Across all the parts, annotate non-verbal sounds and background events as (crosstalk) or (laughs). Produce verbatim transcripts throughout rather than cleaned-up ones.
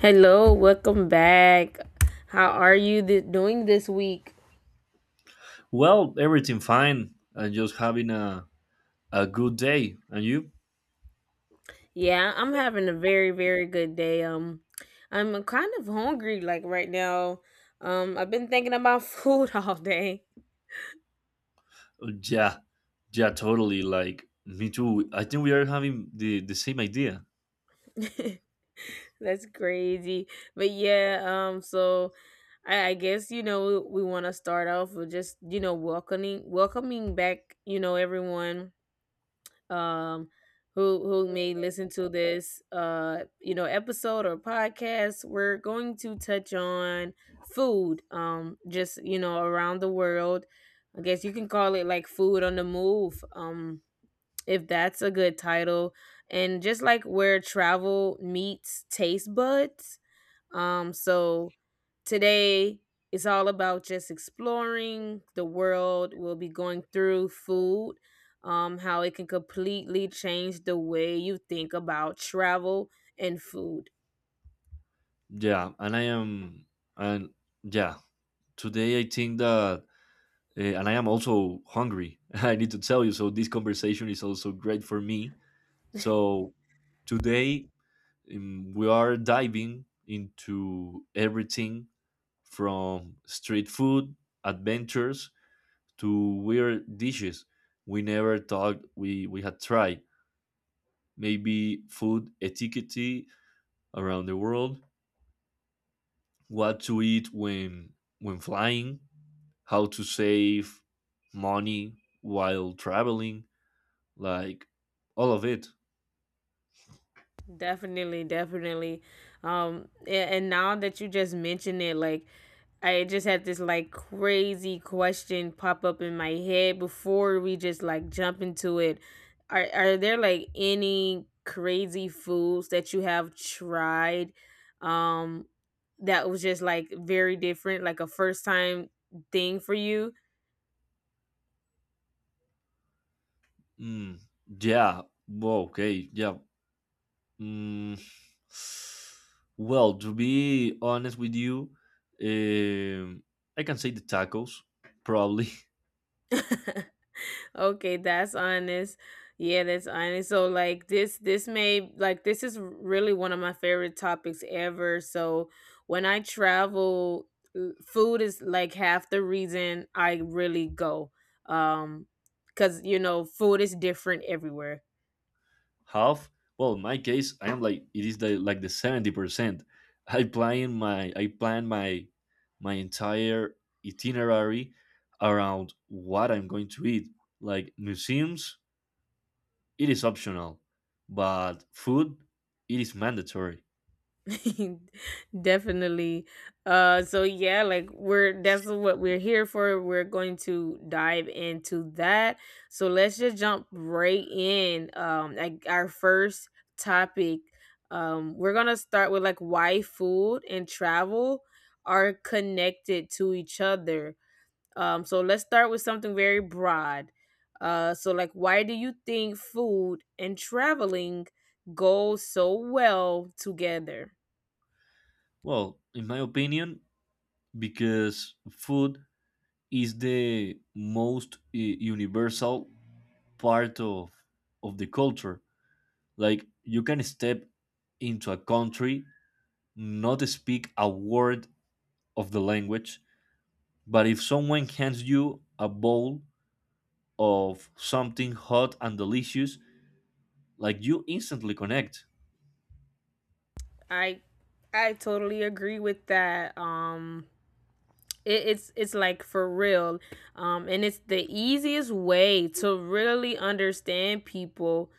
Hello, welcome back. How are you th- doing this week? Well, everything fine. I'm just having a a good day. And you? Yeah, I'm having a very very good day. Um I'm kind of hungry like right now. Um I've been thinking about (laughs) food all day. Yeah, yeah, totally. Like me too. I think we are having the the same idea. (laughs) That's crazy. But yeah, um so I, I guess you know we, we want to start off with just you know welcoming welcoming back, you know, everyone um who who may listen to this uh you know episode or podcast we're going to touch on food, um just you know around the world. I guess you can call it like food on the move, um if that's a good title, and just like where travel meets taste buds. Um, so today it's all about just exploring the world. We'll be going through food, um, how it can completely change the way you think about travel and food. Yeah, and I am, and yeah, today I think that, uh, and I am also hungry. (laughs) I need to tell you. So this conversation is also great for me. So today um, we are diving into everything from street food adventures to weird dishes we never thought we, we had tried. Maybe food etiquette around the world, what to eat when when flying, how to save money while traveling, like all of it. Definitely, definitely. Um, a- and now that you just mentioned it, like I just had this like crazy question pop up in my head before we just like jump into it. Are are there like any crazy foods that you have tried, um that was just like very different, like a first time thing for you? Mm, yeah. Well, okay. Yeah. Mm, well, to be honest with you, um, I can say the tacos probably. (laughs) (laughs) Okay, that's honest. Yeah, that's honest. So like this this may like this is really one of my favorite topics ever. So when I travel, l- food is like half the reason I really go. Um Cuz you know, food is different everywhere. Half, well, in my case I am like it is the like the seventy percent. I plan my i plan my my entire itinerary around what I'm going to eat, like museums, it is optional, but food, it is mandatory. (laughs) Definitely. Uh so yeah, like we're that's what we're here for. We're going to dive into that. So let's just jump right in. Um like our first topic. Um we're going to start with like why food and travel are connected to each other. Um so let's start with something very broad. Uh so like why do you think food and traveling go so well together? Well, in my opinion, because food is the most eh, universal part of of the culture. Like you can step into a country, not speak a word of the language, but if someone hands you a bowl of something hot and delicious, like you instantly connect. I I totally agree with that. Um it, it's it's like for real. Um and it's the easiest way to really understand people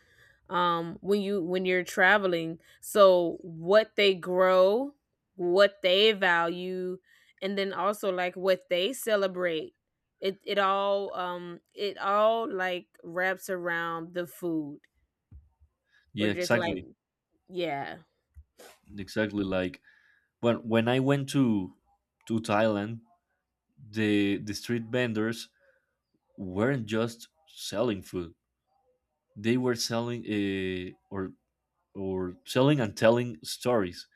um when you when you're traveling. So what they grow, what they value, and then also like what they celebrate. It it all um it all like wraps around the food. Or Yeah, just like, exactly. yeah. Exactly, like when when I went to to Thailand, the the street vendors weren't just selling food. They were selling uh, or or selling and telling stories.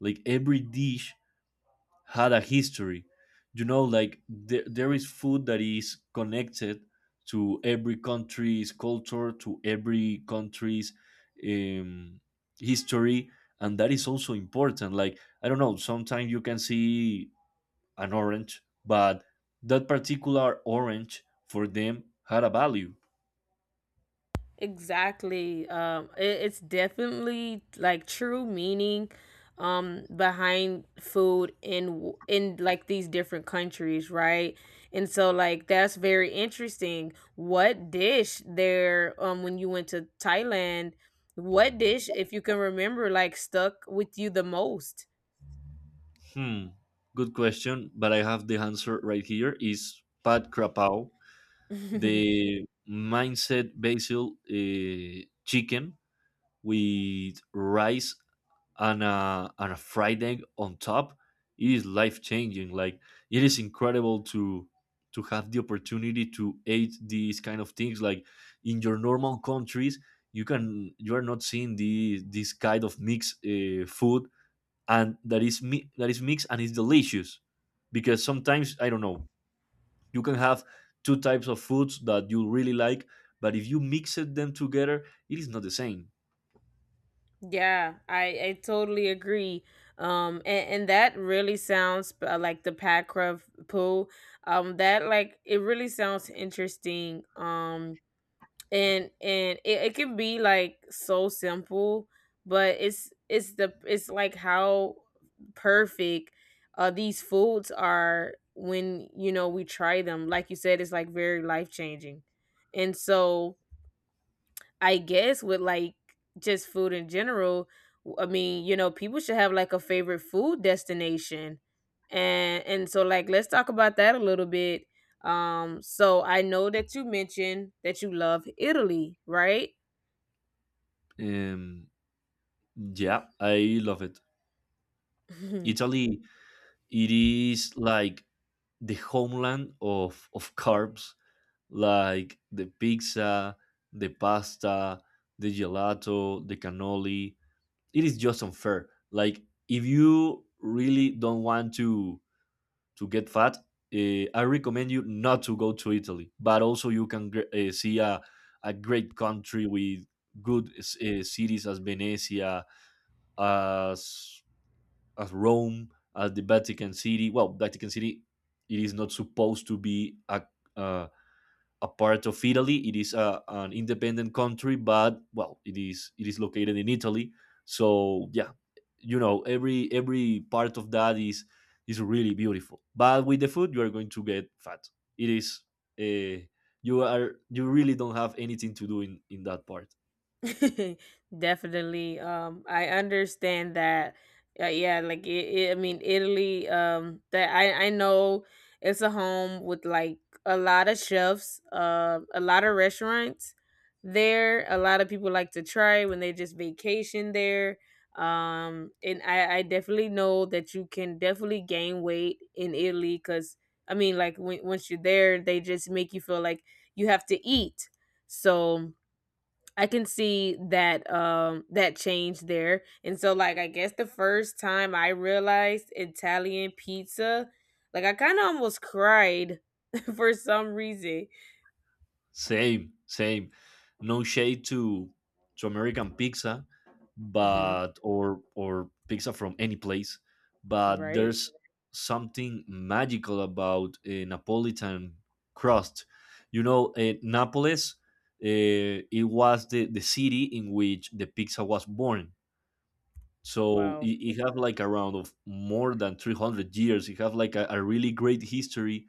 Like every dish had a history. You know, like there, there is food that is connected to every country's culture, to every country's um, history, and that is also important. Like I don't know, sometimes you can see an orange, but that particular orange for them had a value. Exactly. Um, it, it's definitely like true meaning um behind food, in w- in like these different countries, right? And so like that's very interesting. What dish there, um when you went to Thailand, what dish if you can remember like stuck with you the most? Hmm, good question, but I have the answer right here. Is Pat Krapow, (laughs) the mindset basil uh, chicken with rice and a and a fried egg on top. It is life changing. Like it is incredible to to have the opportunity to eat these kind of things. Like in your normal countries, you can you are not seeing the this kind of mixed uh, food, and that is mi- that is mixed and it's delicious. Because sometimes I don't know, you can have two types of foods that you really like, but if you mix it them together, it is not the same. Yeah, I, I totally agree. Um, and, and that really sounds, uh, like the Packruff pool. Um, that like it really sounds interesting. Um, and and it, it can be like so simple, but it's it's the it's like how perfect, uh these foods are when you know we try them. Like you said, it's like very life changing, and so I guess with like just food in general, I mean, you know, people should have like a favorite food destination. And and so like let's talk about that a little bit. Um so I know that you mentioned that you love Italy, right? um, Yeah, I love it. (laughs) Italy, it is like the homeland of of carbs, like the pizza, the pasta, the gelato, the cannoli. It is just unfair. Like if you really don't want to to get fat, uh, I recommend you not to go to Italy. But also you can uh, see a a great country with good uh, cities as Venezia, as as Rome, as the Vatican City. Well, Vatican City, it is not supposed to be a uh, a part of Italy. It is a, an independent country, but well, it is it is located in Italy. So yeah, you know every every part of that is is really beautiful. But with the food, you are going to get fat. It is, uh, you are you really don't have anything to do in in that part. (laughs) Definitely. Um, I understand that. Uh, yeah, like it, it, I mean, Italy. Um, that I I know it's a home with like a lot of chefs. Uh, a lot of restaurants there. A lot of people like to try when they just vacation there. Um, and I I definitely know that you can definitely gain weight in Italy because, I mean, like when once you're there, they just make you feel like you have to eat. So I can see that um that change there. And so like I guess the first time I realized Italian pizza, like I kind of almost cried (laughs) for some reason. Same, same. No shade to to American pizza, Hmm. but or or pizza from any place, but Right. there's something magical about a Napolitan crust. You know, uh, Napoles, uh, it was the, the city in which the pizza was born. So Wow. it, it have like around of more than three hundred years. It have like a, a really great history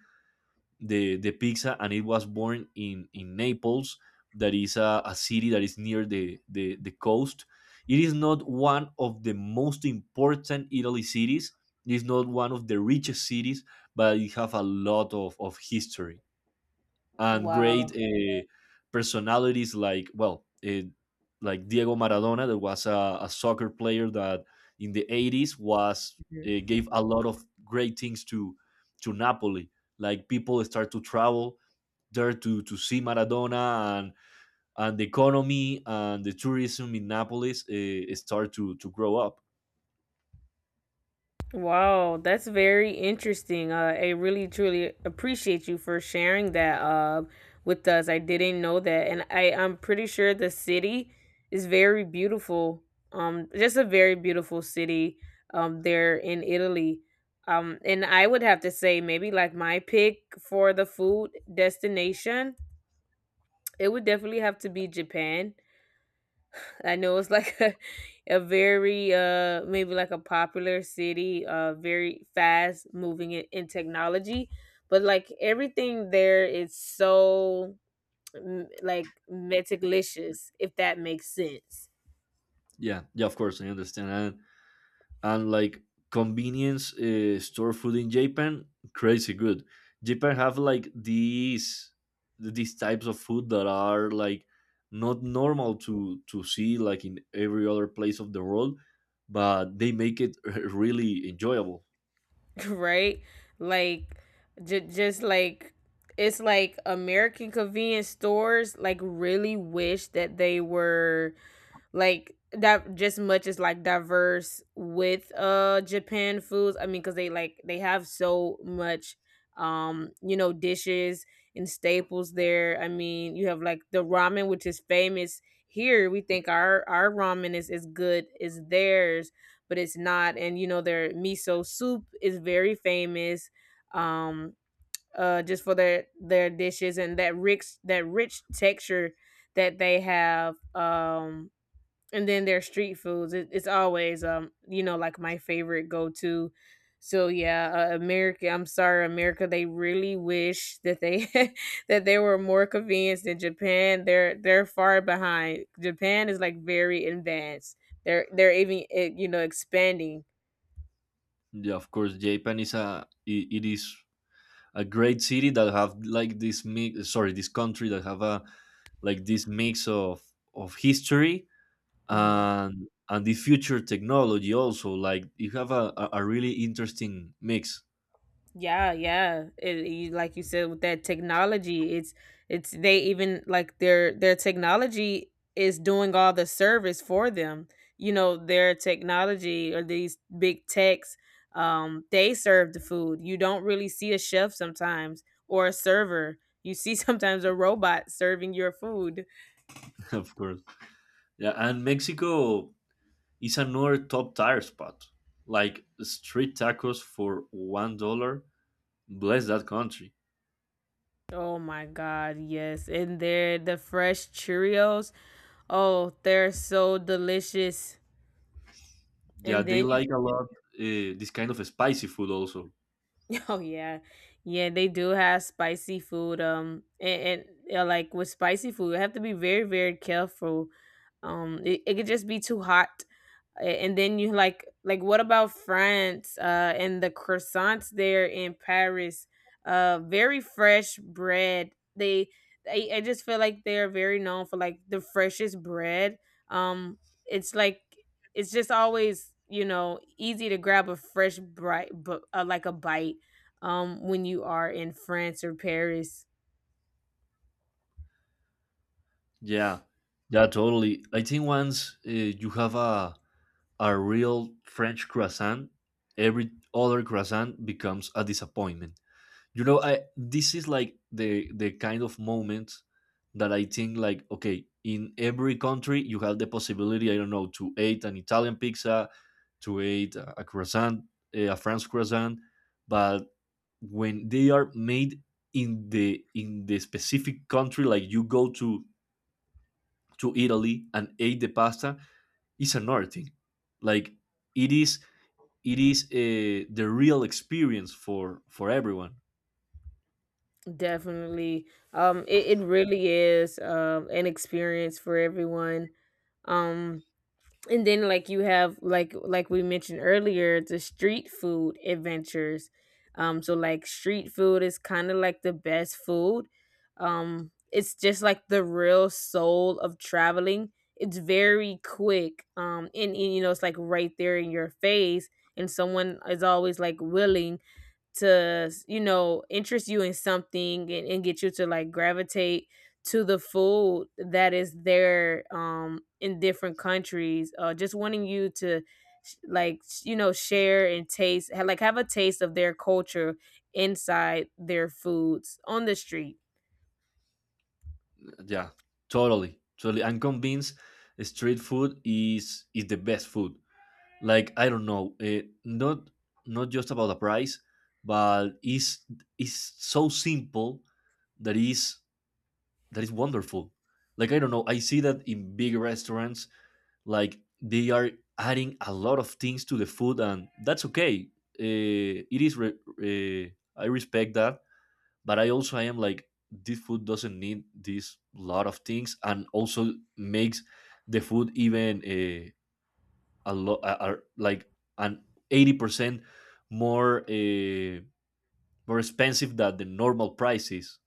the the pizza, and it was born in in Naples, that is a, a city that is near the, the the coast. It is not one of the most important Italy cities. It is not one of the richest cities, but it have a lot of, of history and great Wow. uh, personalities like well uh, like Diego Maradona, that was a, a soccer player that in the eighties was uh, gave a lot of great things to to Napoli. Like people start to travel there to to see Maradona, and and the economy and the tourism in Naples uh, start to to grow up. Wow, that's very interesting. Uh, I really truly appreciate you for sharing that, uh, with us. I didn't know that, and I I'm pretty sure the city is very beautiful. Um, just a very beautiful city. Um, there in Italy. Um, and I would have to say maybe like my pick for the food destination, it would definitely have to be Japan. I know it's like (laughs) a, a very, uh maybe like a popular city, uh very fast moving in, in technology, but like everything there is so, mm, like meticulous if that makes sense. Yeah, yeah, of course I understand. And and like convenience uh, store food in Japan, crazy good. Japan have like these these types of food that are like not normal to to see like in every other place of the world, but they make it (laughs) really enjoyable. (laughs) Right? Like, j- just like it's like American convenience stores like really wish that they were like that just much as like diverse with, uh Japan foods. I mean, because they like they have so much, um you know dishes and staples there. I mean, you have like the ramen, which is famous here. We think our our ramen is as good as theirs, but it's not. And you know, their miso soup is very famous. Um, uh, just for their their dishes and that rich that rich texture that they have. Um, and then their street foods. It, it's always, um, you know, like my favorite go to. So yeah, uh, America. I'm sorry, America. They really wish that they (laughs) that they were more convinced than Japan. They're they're far behind. Japan is like very advanced. They're they're even, eh, you know expanding. Yeah, of course, Japan is a i- it is a great city that have like this mix. Sorry, this country that have a like this mix of of history Hmm. and and the future technology also, like you have a, a a really interesting mix. Yeah, yeah. It, you, like you said with that technology, it's it's they even like their their technology is doing all the service for them. You know, their technology or these big techs, um, they serve the food. You don't really see a chef sometimes, or a server. You see (laughs) sometimes a robot serving your food. (laughs) Of course. Yeah, and Mexico is another top tire spot, like street tacos for one dollar. Bless that country. Oh my God, yes. And they're the fresh Cheerios. Oh, they're so delicious. Yeah, And they then you. like a lot uh, this kind of spicy food also. (laughs) Oh yeah, yeah. They do have spicy food. Um, and, and yeah, like with spicy food, you have to be very, very careful. Um, it, it could just be too hot, a- and then you, like like what about France, uh and the croissants there in Paris? uh very fresh bread. They I, I just feel like they're very known for like the freshest bread. um it's like it's just always, you know easy to grab a fresh bright, but uh, like a bite, um when you are in France or Paris. Yeah, yeah, totally. I think once uh, you have a a real French croissant, every other croissant becomes a disappointment. You know, I this is like the the kind of moment that I think like okay, in every country you have the possibility, I don't know, to eat an Italian pizza, to eat a a croissant, eh, a French croissant. But when they are made in the in the specific country, like you go to to Italy and eat the pasta, it's another thing. Like it is, it is uh, the real experience for for everyone. Definitely. um it, it really is, um an experience for everyone. um and then like you have, like like we mentioned earlier, the street food adventures. Um so like street food is kind of like the best food. Um it's just like the real soul of traveling. It's very quick. Um and, and you know it's like right there in your face, and someone is always like willing to, you know interest you in something, and, and get you to like gravitate to the food that is there, um in different countries, uh just wanting you to sh- like sh- you know share and taste, ha- like have a taste of their culture inside their foods on the street. Yeah, totally, totally. I'm convinced street food is is the best food. Like I don't know, eh, not not just about the price, but is is so simple, that is that is wonderful. Like I don't know, I see that in big restaurants, like they are adding a lot of things to the food, and that's okay. Uh, it is. Re- uh, I respect that, but I also I am like, this food doesn't need this lot of things, and also makes the food even uh, a lot uh, like an eighty percent more uh, more expensive than the normal prices.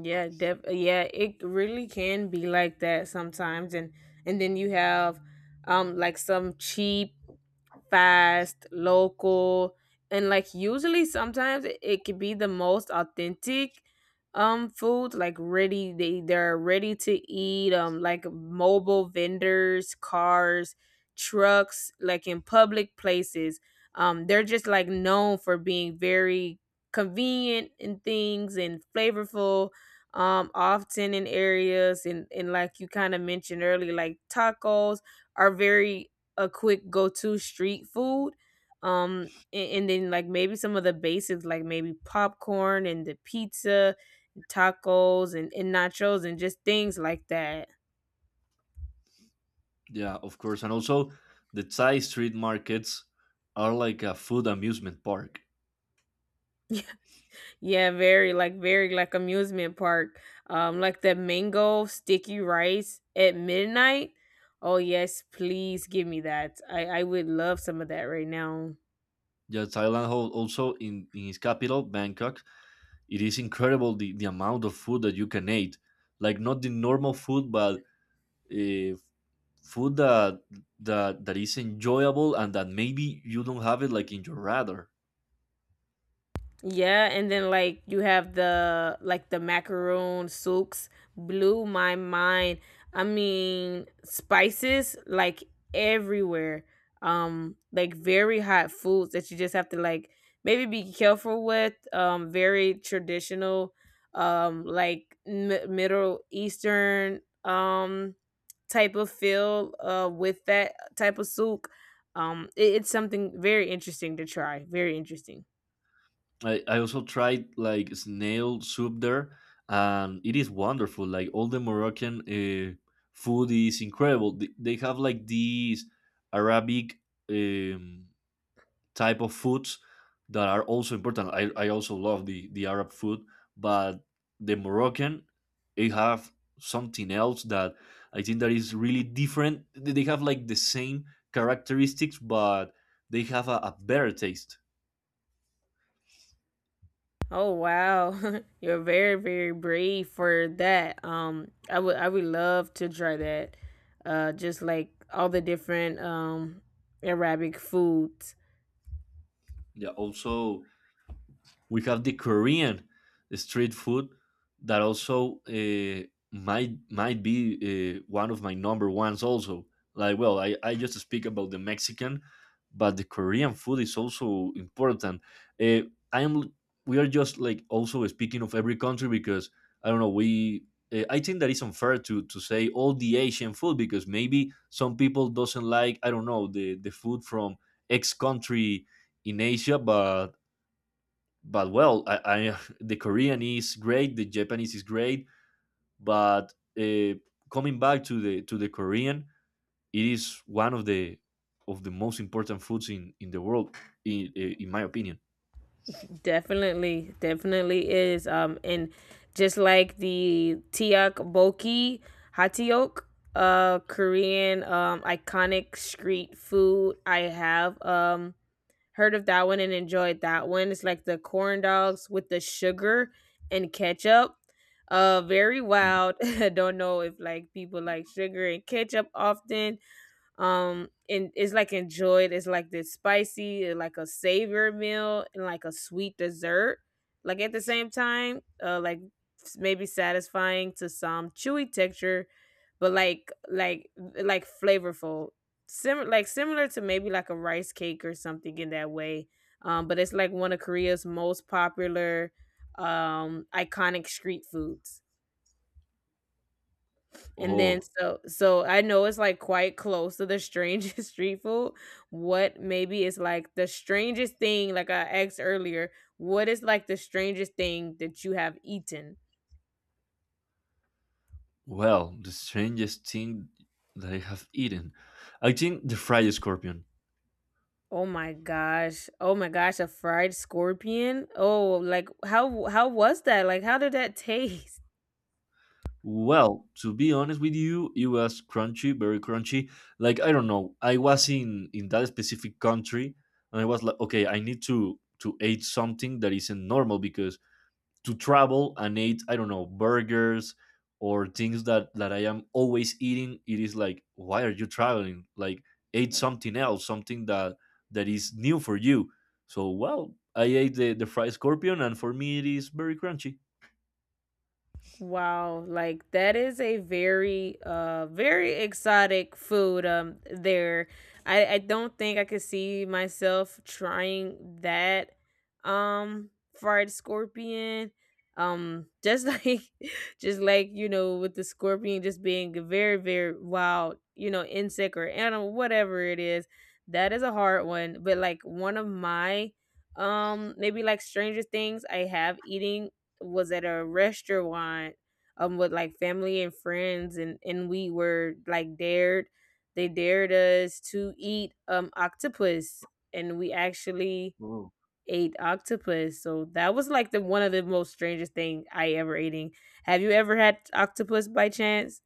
Yeah, def- yeah it really can be like that sometimes. And and then you have, um like some cheap fast, local, and like usually sometimes it, it could be the most authentic, um food like ready. They they're ready to eat, um like mobile vendors, cars, trucks like in public places. Um they're just like known for being very convenient in things and flavorful, um often in areas, and and like you kind of mentioned earlier, like tacos are very a quick go to street food. Um, and, and then like maybe some of the basics, like maybe popcorn and the pizza, tacos and, and nachos, and just things like that. Yeah, of course. And also the Thai street markets are like a food amusement park. Yeah, very like very like amusement park. Um, like the mango sticky rice at midnight. Oh yes, please give me that. I I would love some of that right now. Yeah, Thailand, hol- also in, in its capital Bangkok, it is incredible the, the amount of food that you can eat. Like not the normal food, but uh, food that that that is enjoyable and that maybe you don't have it like in your radar. Yeah, and then like you have the, like the macaroon soups, blew my mind. I mean, spices like everywhere. Um like very hot foods that you just have to like maybe be careful with. Um very traditional, um like mi- middle eastern, um type of feel, uh with that type of soup. Um it- it's something very interesting to try. Very interesting. I, I also tried like snail soup there, and it is wonderful. Like all the Moroccan uh, food is incredible. They, they have like these Arabic um, type of foods that are also important. I, I also love the, the Arab food, but the Moroccan, they have something else that I think that is really different. They have like the same characteristics, but they have a, a better taste. Oh wow. (laughs) You're very very brave for that. Um I would I would love to try that. Uh just like all the different, um Arabic foods. Yeah, also we have the Korean street food that also uh, might might be uh, one of my number ones also. Like, well, I, I just speak about the Mexican, but the Korean food is also important. Uh, I am, we are just like also speaking of every country because I don't know we. Uh, I think that it's unfair to, to say all the Asian food, because maybe some people doesn't like, I don't know, the, the food from X country in Asia, but but well, I, I (laughs) the Korean is great, the Japanese is great, but uh, coming back to the to the Korean, it is one of the of the most important foods in in the world, in in my opinion. Definitely definitely is. Um and Just like the tiak boki, hatiok, uh Korean, um iconic street food I have, um heard of that one and enjoyed that one. It's like the corn dogs with the sugar and ketchup. Uh, very Mm. wild. (laughs) I don't know if like people like sugar and ketchup often, um and it's like enjoyed it's like this spicy uh, like a savior meal and like a sweet dessert like at the same time uh like s- maybe satisfying to some chewy texture but like like like flavorful similar like similar to maybe like a rice cake or something in that way um but it's like one of Korea's most popular um iconic street foods. And then Oh, so so I know it's, like, quite close to the strangest (laughs) street food. What maybe is, like, the strangest thing like I asked earlier, what is, like, the strangest thing that you have eaten? well, the strangest thing that I have eaten, I think the fried scorpion. Oh my gosh. Oh my gosh, a fried scorpion? Oh, like, how how was that? Like, how did that (laughs) taste? Well, to be honest with you, it was crunchy, very crunchy. Like I don't know, I was in in that specific country, and I was like, okay, I need to to eat something that isn't normal because to travel and eat, I don't know, burgers or things that that I am always eating, it is like, why are you traveling? Like eat something else, something that that is new for you. So well, I ate the the fried scorpion, and for me, it is very crunchy. Wow, like that is a very uh very exotic food um there. I I don't think I could see myself trying that um fried scorpion. Um just (laughs) like just like, you know, with the scorpion just being a very very wild, you know, insect or animal whatever it is. That is a hard one, but like one of my um maybe like stranger things I have eating was at a restaurant um with like family and friends and and we were like dared, they dared us to eat um octopus, and we actually ate octopus. So that was like the one of the most strangest thing I ever eating. Have you ever had octopus by chance?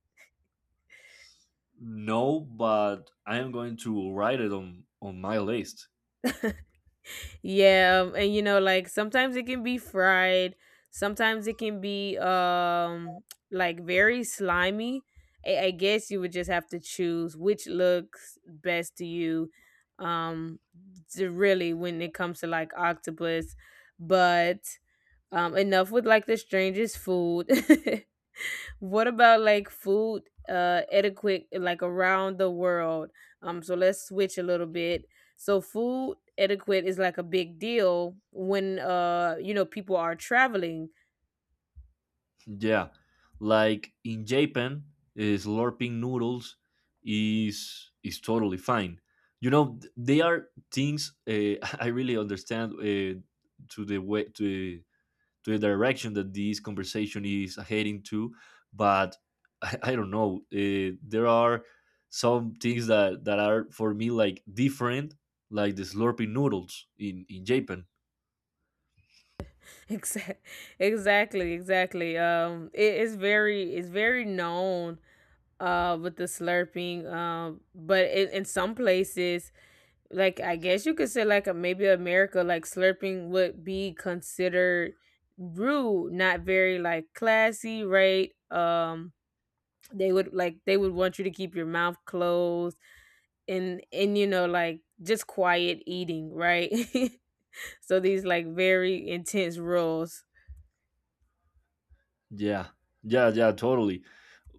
No, but I am going to write it on on my list. Yeah, um, and you know, like sometimes it can be fried, sometimes it can be um (tsk) like very slimy. I, I guess you would just have to choose which looks best to you. Um, to really when it comes to like octopus, but um, enough with like the strangest food. (laughs) What about like food uh etiquette like around the world? Um so let's switch a little bit. So food etiquette is like a big deal when uh you know people are traveling. Yeah, like in Japan, uh, slurping noodles is is totally fine. You know, th- they are things uh, (laughs) I really understand uh, to the way to to the direction that this conversation is heading to, but (laughs) I, I don't know. Uh, there are some things that that are for me like different, like the slurping noodles in in Japan. (laughs) Exac- exactly, exactly. Um it is very, it's very known uh with the slurping um but in, in some places like I guess you could say like a, maybe America, like slurping would be considered rude, not very like classy, right? Um they would like they would want you to keep your mouth closed and and you know like just quiet eating, right? (laughs) So these like very intense rules. Yeah, yeah, yeah, totally.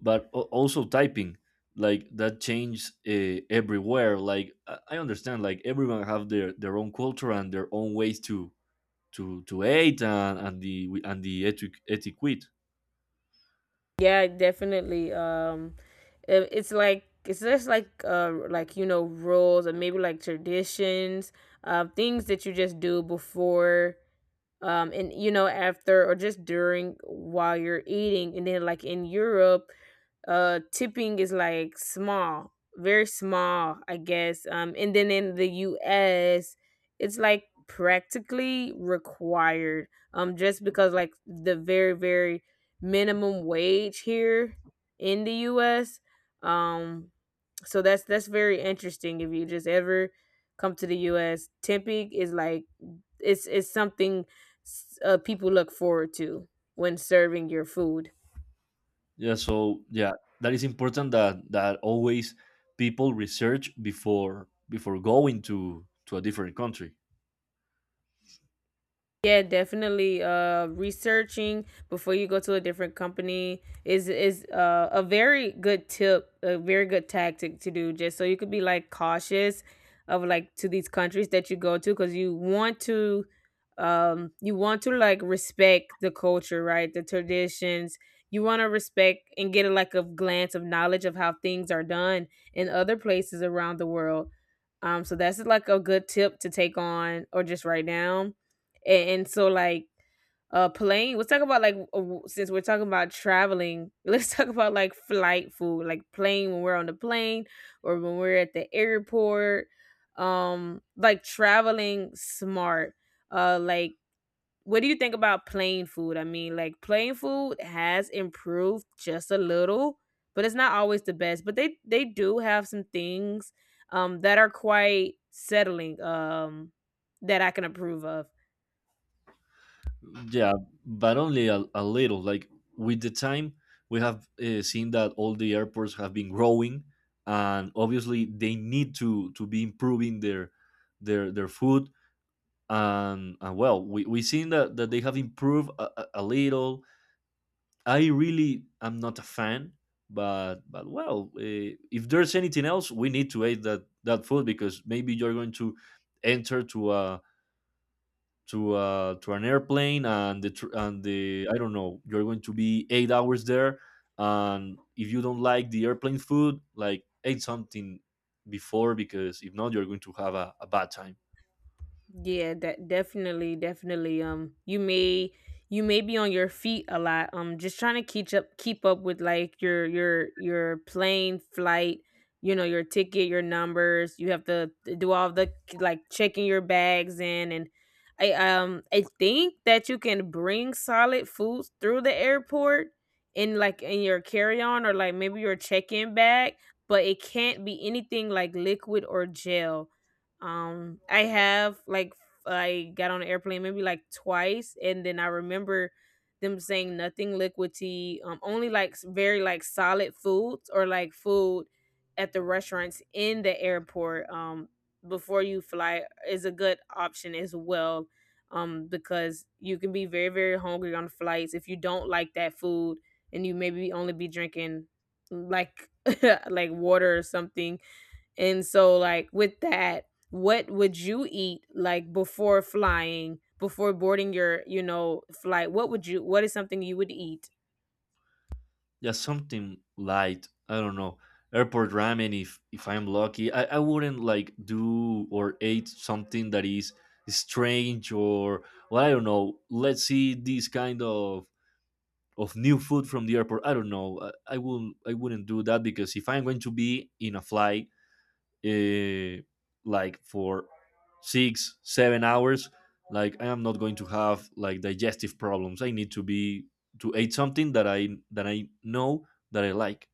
But al- also typing, like that changes uh, everywhere. Like I I understand, like everyone have their their own culture and their own ways to to to eat, and, and the and the etic- etiquette. Yeah, definitely. Um, it, it's like it's just like uh like you know rules or maybe like traditions, um things that you just do before um and you know after or just during while you're eating. And then like in Europe uh tipping is like small, very small I guess, um and then in the US it's like practically required, um just because like the very very minimum wage here in the US. um so that's that's very interesting. If you just ever come to the US, tipping is like it's it's something s- uh, people look forward to when serving your food. Yeah, so yeah, that is important that that always people research before before going to to a different country. Yeah, definitely. Uh, researching before you go to a different company is is uh, a very good tip, a very good tactic to do, just so you could be like cautious of like to these countries that you go to, because you want to, um, you want to like respect the culture, right? The traditions. You want to respect and get a like a glance of knowledge of how things are done in other places around the world. Um, so that's like a good tip to take on or just write down. and, and so like uh plane let's talk about like uh, since we're talking about traveling (laughs) let's talk about like flight food, like plane when we're on the plane or when we're at the airport, um like traveling smart, uh like what do you think about plane food? I mean like plane food has improved just a little but it's not always the best, but they they do have some things um that are quite settling, um that I can approve of. Yeah, but only a, a little. Like with the time, we have uh, seen that all the airports have been growing, and obviously they need to to be improving their their their food. And, and well, we we seen that that they have improved a, a a little. I really am not a fan, but but well, uh, if there's anything else, we need to eat that that food because maybe you're going to enter to a to a, to an airplane and the tr- and the I don't know you're going to be eight hours there, and if you don't like the airplane food, like eat something before because if not, you're going to have a, a bad time. Yeah, that definitely, definitely. Um, you may you may be on your feet a lot. Um, just trying to keep up keep up with like your your your plane flight, you know, your ticket, your numbers. You have to do all the like checking your bags in. And I um I think that you can bring solid foods through the airport in like in your carry-on or like maybe your check-in bag, but it can't be anything like liquid or gel. um, I have like f- I got on an airplane maybe like twice, and then I remember them saying nothing liquid tea, um, only like s- very like solid foods or like food at the restaurants in the airport. Um, before you fly is a good option as well. Um, because you can be very very hungry on flights if you don't like that food, and you maybe only be drinking like (laughs) like water or something. And so, like, with that, what would you eat like before flying, before boarding your, you know, flight? What would you, what is something you would eat? Yeah, something light. I don't know. Airport ramen if if I'm lucky. I, I wouldn't like do or eat something that is strange or well, I don't know. Let's see this kind of of new food from the airport. I don't know. I, I will I wouldn't do that because if I'm going to be in a flight uh, like for six, seven hours, like I am not going to have like digestive problems. I need to be to eat something that I that I know that I like.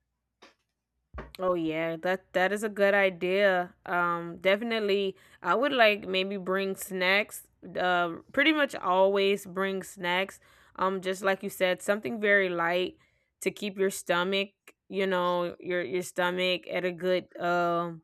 Oh yeah, that that is a good idea. Um, definitely, I would like maybe bring snacks. Uh, pretty much always bring snacks. Um, just like you said, something very light to keep your stomach, you know, your your stomach at a good um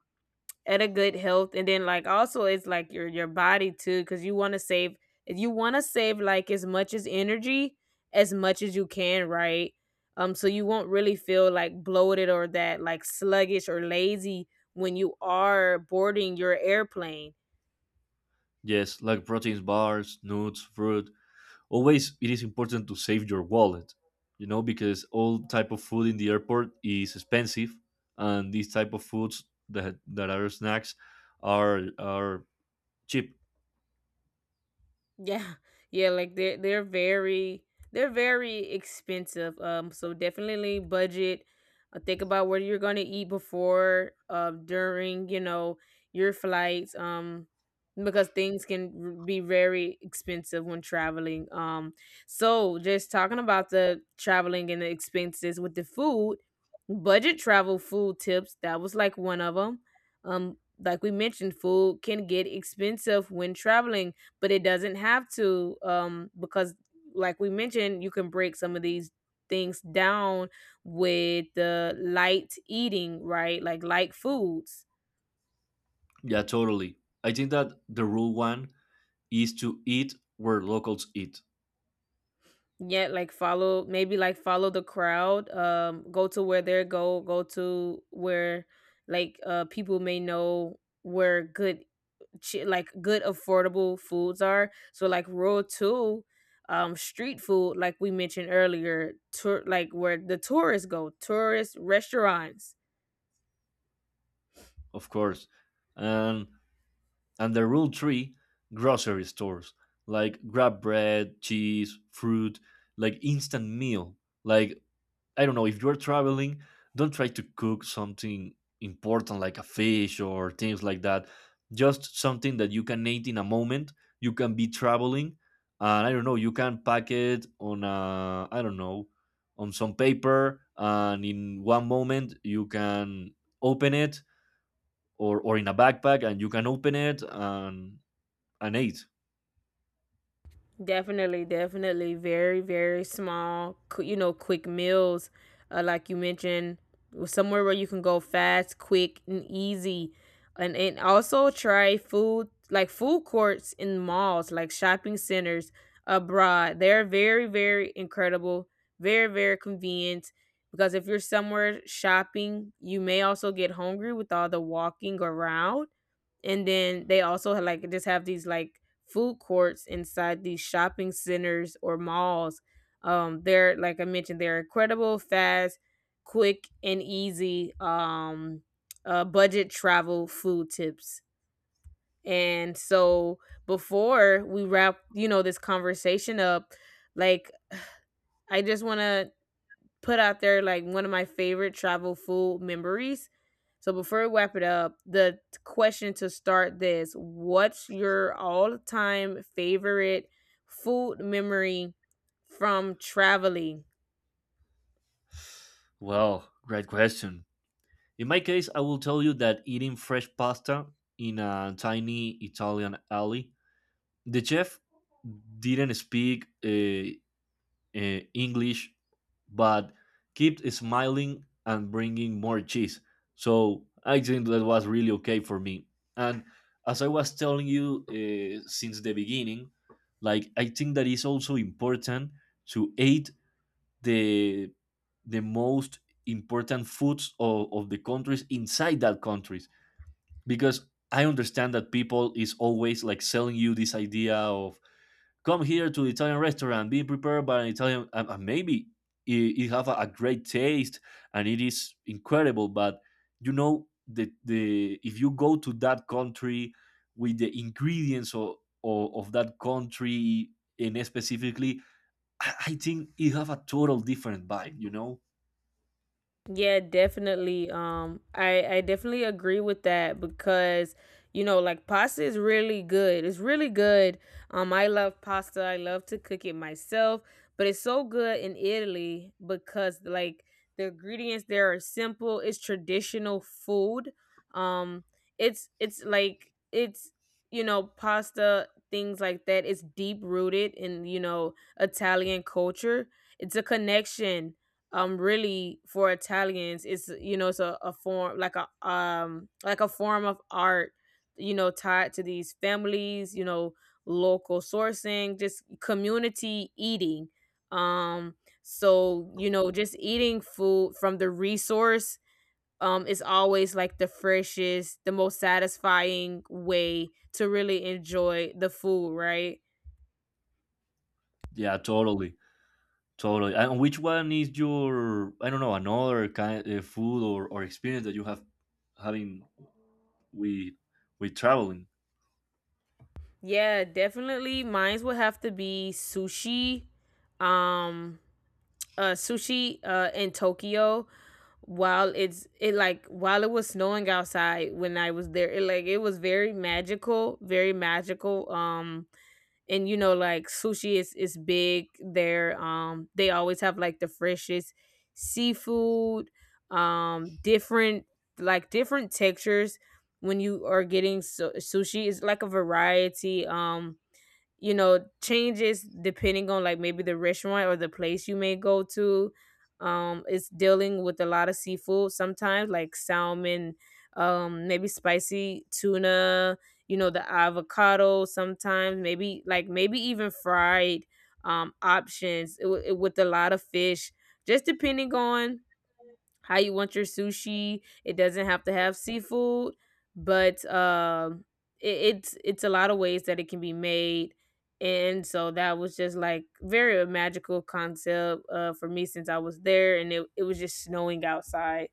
at a good health. And then like also it's like your your body too, because you want to save, if you want to save like as much as energy as much as you can, right? um so you won't really feel like bloated or that like sluggish or lazy when you are boarding your airplane. Yes, like proteins bars, nuts, fruit. Always, it is important to save your wallet, you know, because all type of food in the airport is expensive, and these type of foods that that are snacks are are cheap. Yeah. (laughs) Yeah, like they're they're very, they're very expensive. Um, so definitely budget. Uh, think about what you're gonna eat before, uh, during, you know, your flights. Um, because things can r- be very expensive when traveling. Um, so just talking about the traveling and the expenses with the food, budget travel food tips, that was like one of them. Um, like we mentioned, food can get expensive when traveling but it doesn't have to, um because like we mentioned you can break some of these things down with the light eating, right? Like light foods. Yeah, totally. I think that the rule one is to eat where locals eat, Yet like follow maybe like follow the crowd, um go to where they are, go go to where like uh people may know where good chi- like good affordable foods are. So like rural two, um, street food, like we mentioned earlier, tour like where the tourists go, tourist restaurants. of course. And and the rule three, grocery stores. Like grab bread, cheese, fruit, like instant meal. Like I don't know, if you're traveling, don't try to cook something important like a fish or things like that. Just something that you can eat in a moment. You can be traveling, and I don't know, you can pack it on a, I don't know, on some paper, and in one moment you can open it, or or in a backpack, and you can open it and and eat. Definitely, definitely. Very, very small, qu- you know, quick meals. Uh, like you mentioned, somewhere where you can go fast, quick, and easy. And, and also try food, like food courts in malls, like shopping centers abroad. They're very, very incredible, very, very convenient. Because if you're somewhere shopping, you may also get hungry with all the walking around. And then they also ha- like just have these like food courts inside these shopping centers or malls. um they're like I mentioned, they're incredible, fast, quick, and easy. um uh, budget travel food tips. And so before we wrap you know this conversation up, like, I just want to put out there like one of my favorite travel food memories. So before we wrap it up, the t- question to start this: What's your all-time favorite food memory from traveling? Well, great question. In my case, I will tell you that eating fresh pasta in a tiny Italian alley, the chef didn't speak uh, uh, English, but kept smiling and bringing more cheese. So I think that was really okay for me. And as I was telling you uh, since the beginning, like I think that is also important to eat the the most important foods of, of the countries inside that countries because I understand that people is always like selling you this idea of come here to the Italian restaurant be prepared by an Italian and, and maybe it, it have a, a great taste and it is incredible but you know the, the if you go to that country with the ingredients of, of, of that country and specifically I, I think it have a total different vibe, you know? Yeah, definitely. Um, I I definitely agree with that because you know, like pasta is really good. It's really good. Um, I love pasta. I love to cook it myself, but it's so good in Italy because like the ingredients there are simple. It's traditional food. Um, it's it's like it's, you know, pasta things like that. It's deep rooted in, you know, Italian culture. It's a connection, um really for Italians it's, you know, it's a, a form like a um like a form of art, you know, tied to these families, you know, local sourcing, just community eating. um so you know, just eating food from the resource um is always like the freshest, the most satisfying way to really enjoy the food, right? Yeah, totally. Totally. And which one is your, I don't know, another kind of food or, or experience that you have having with, with traveling? Yeah, definitely mines would have to be sushi. um uh, sushi uh, in Tokyo while it's it like while it was snowing outside when I was there. It like it was very magical, very magical. Um, and you know like sushi is is big there. Um, they always have like the freshest seafood. Um, different like different textures when you are getting su- sushi. It's like a variety. Um you know changes depending on like maybe the restaurant or the place you may go to. um it's dealing with a lot of seafood, sometimes like salmon, um maybe spicy tuna, you know, the avocado, sometimes maybe like maybe even fried um options, it, with a lot of fish, just depending on how you want your sushi. It doesn't have to have seafood, but um, it, it's it's a lot of ways that it can be made. And so that was just like very a magical concept, uh, for me, since I was there, and it it was just snowing outside.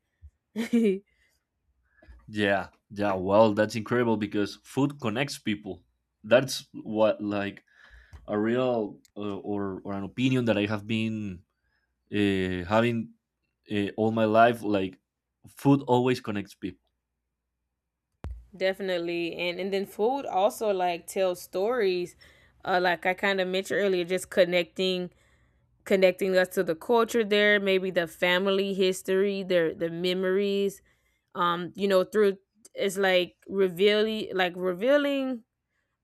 (laughs) Yeah. Yeah. Well, that's incredible because food connects people. That's what, like, a real uh, or, or an opinion that I have been uh, having uh, all my life. Like, food always connects people. Definitely, and and then food also like tells stories. Uh, like I kind of mentioned earlier, just connecting, connecting us to the culture there, maybe the family history, their the memories. Um, you know, through it's like revealing like revealing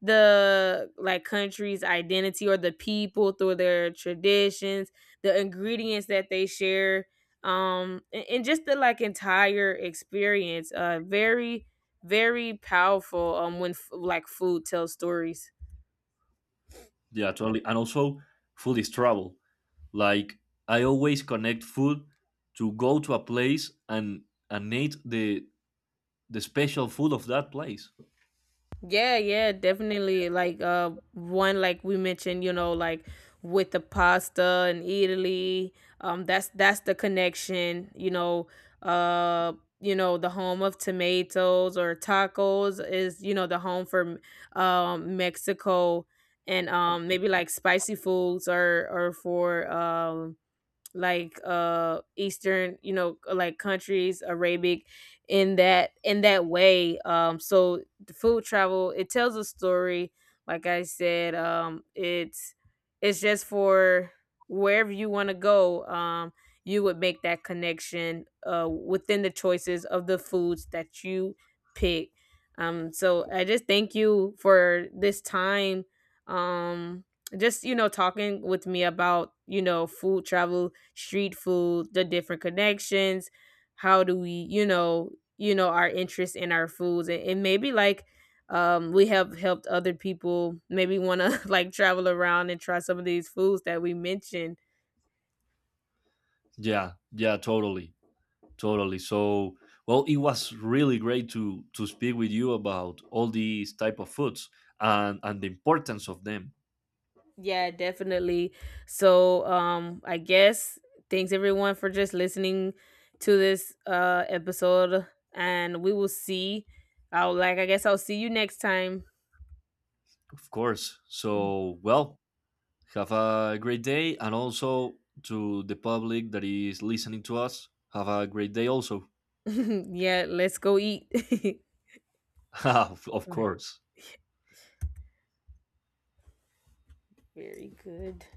the like country's identity or the people through their traditions, the ingredients that they share, um, and, and just the like entire experience. Uh, very, very powerful um when f- like food tells stories. Yeah, totally. And also, food is travel. Like I always connect food to go to a place and and eat the the special food of that place. Yeah, yeah, definitely. Like uh one like we mentioned, you know, like with the pasta and Italy, um that's that's the connection, you know, uh you know, the home of tomatoes or tacos is, you know, the home for um Mexico, and um maybe like spicy foods or or for um like uh eastern, you know, uh, like countries, Arabic, in that in that way. um so the food travel, it tells a story, like I said. um it's it's just for wherever you want to go, um you would make that connection uh within the choices of the foods that you pick. um so I just thank you for this time, um just you know talking with me about you know food travel, street food, the different connections, how do we you know, you know, our interest in our foods, and, and maybe like um we have helped other people maybe want to (laughs) like travel around and try some of these foods that we mentioned. Yeah, yeah, totally, totally. So, well, it was really great to to speak with you about all these type of foods and and the importance of them, Yeah, definitely. So um I guess thanks everyone for just listening to this uh episode, and we will see, I'll like I guess I'll see you next time. of course. So, well, have a great day, and also to the public that is listening to us, have a great day also. (laughs) Yeah, let's go eat. (laughs) (laughs) of course. Very good.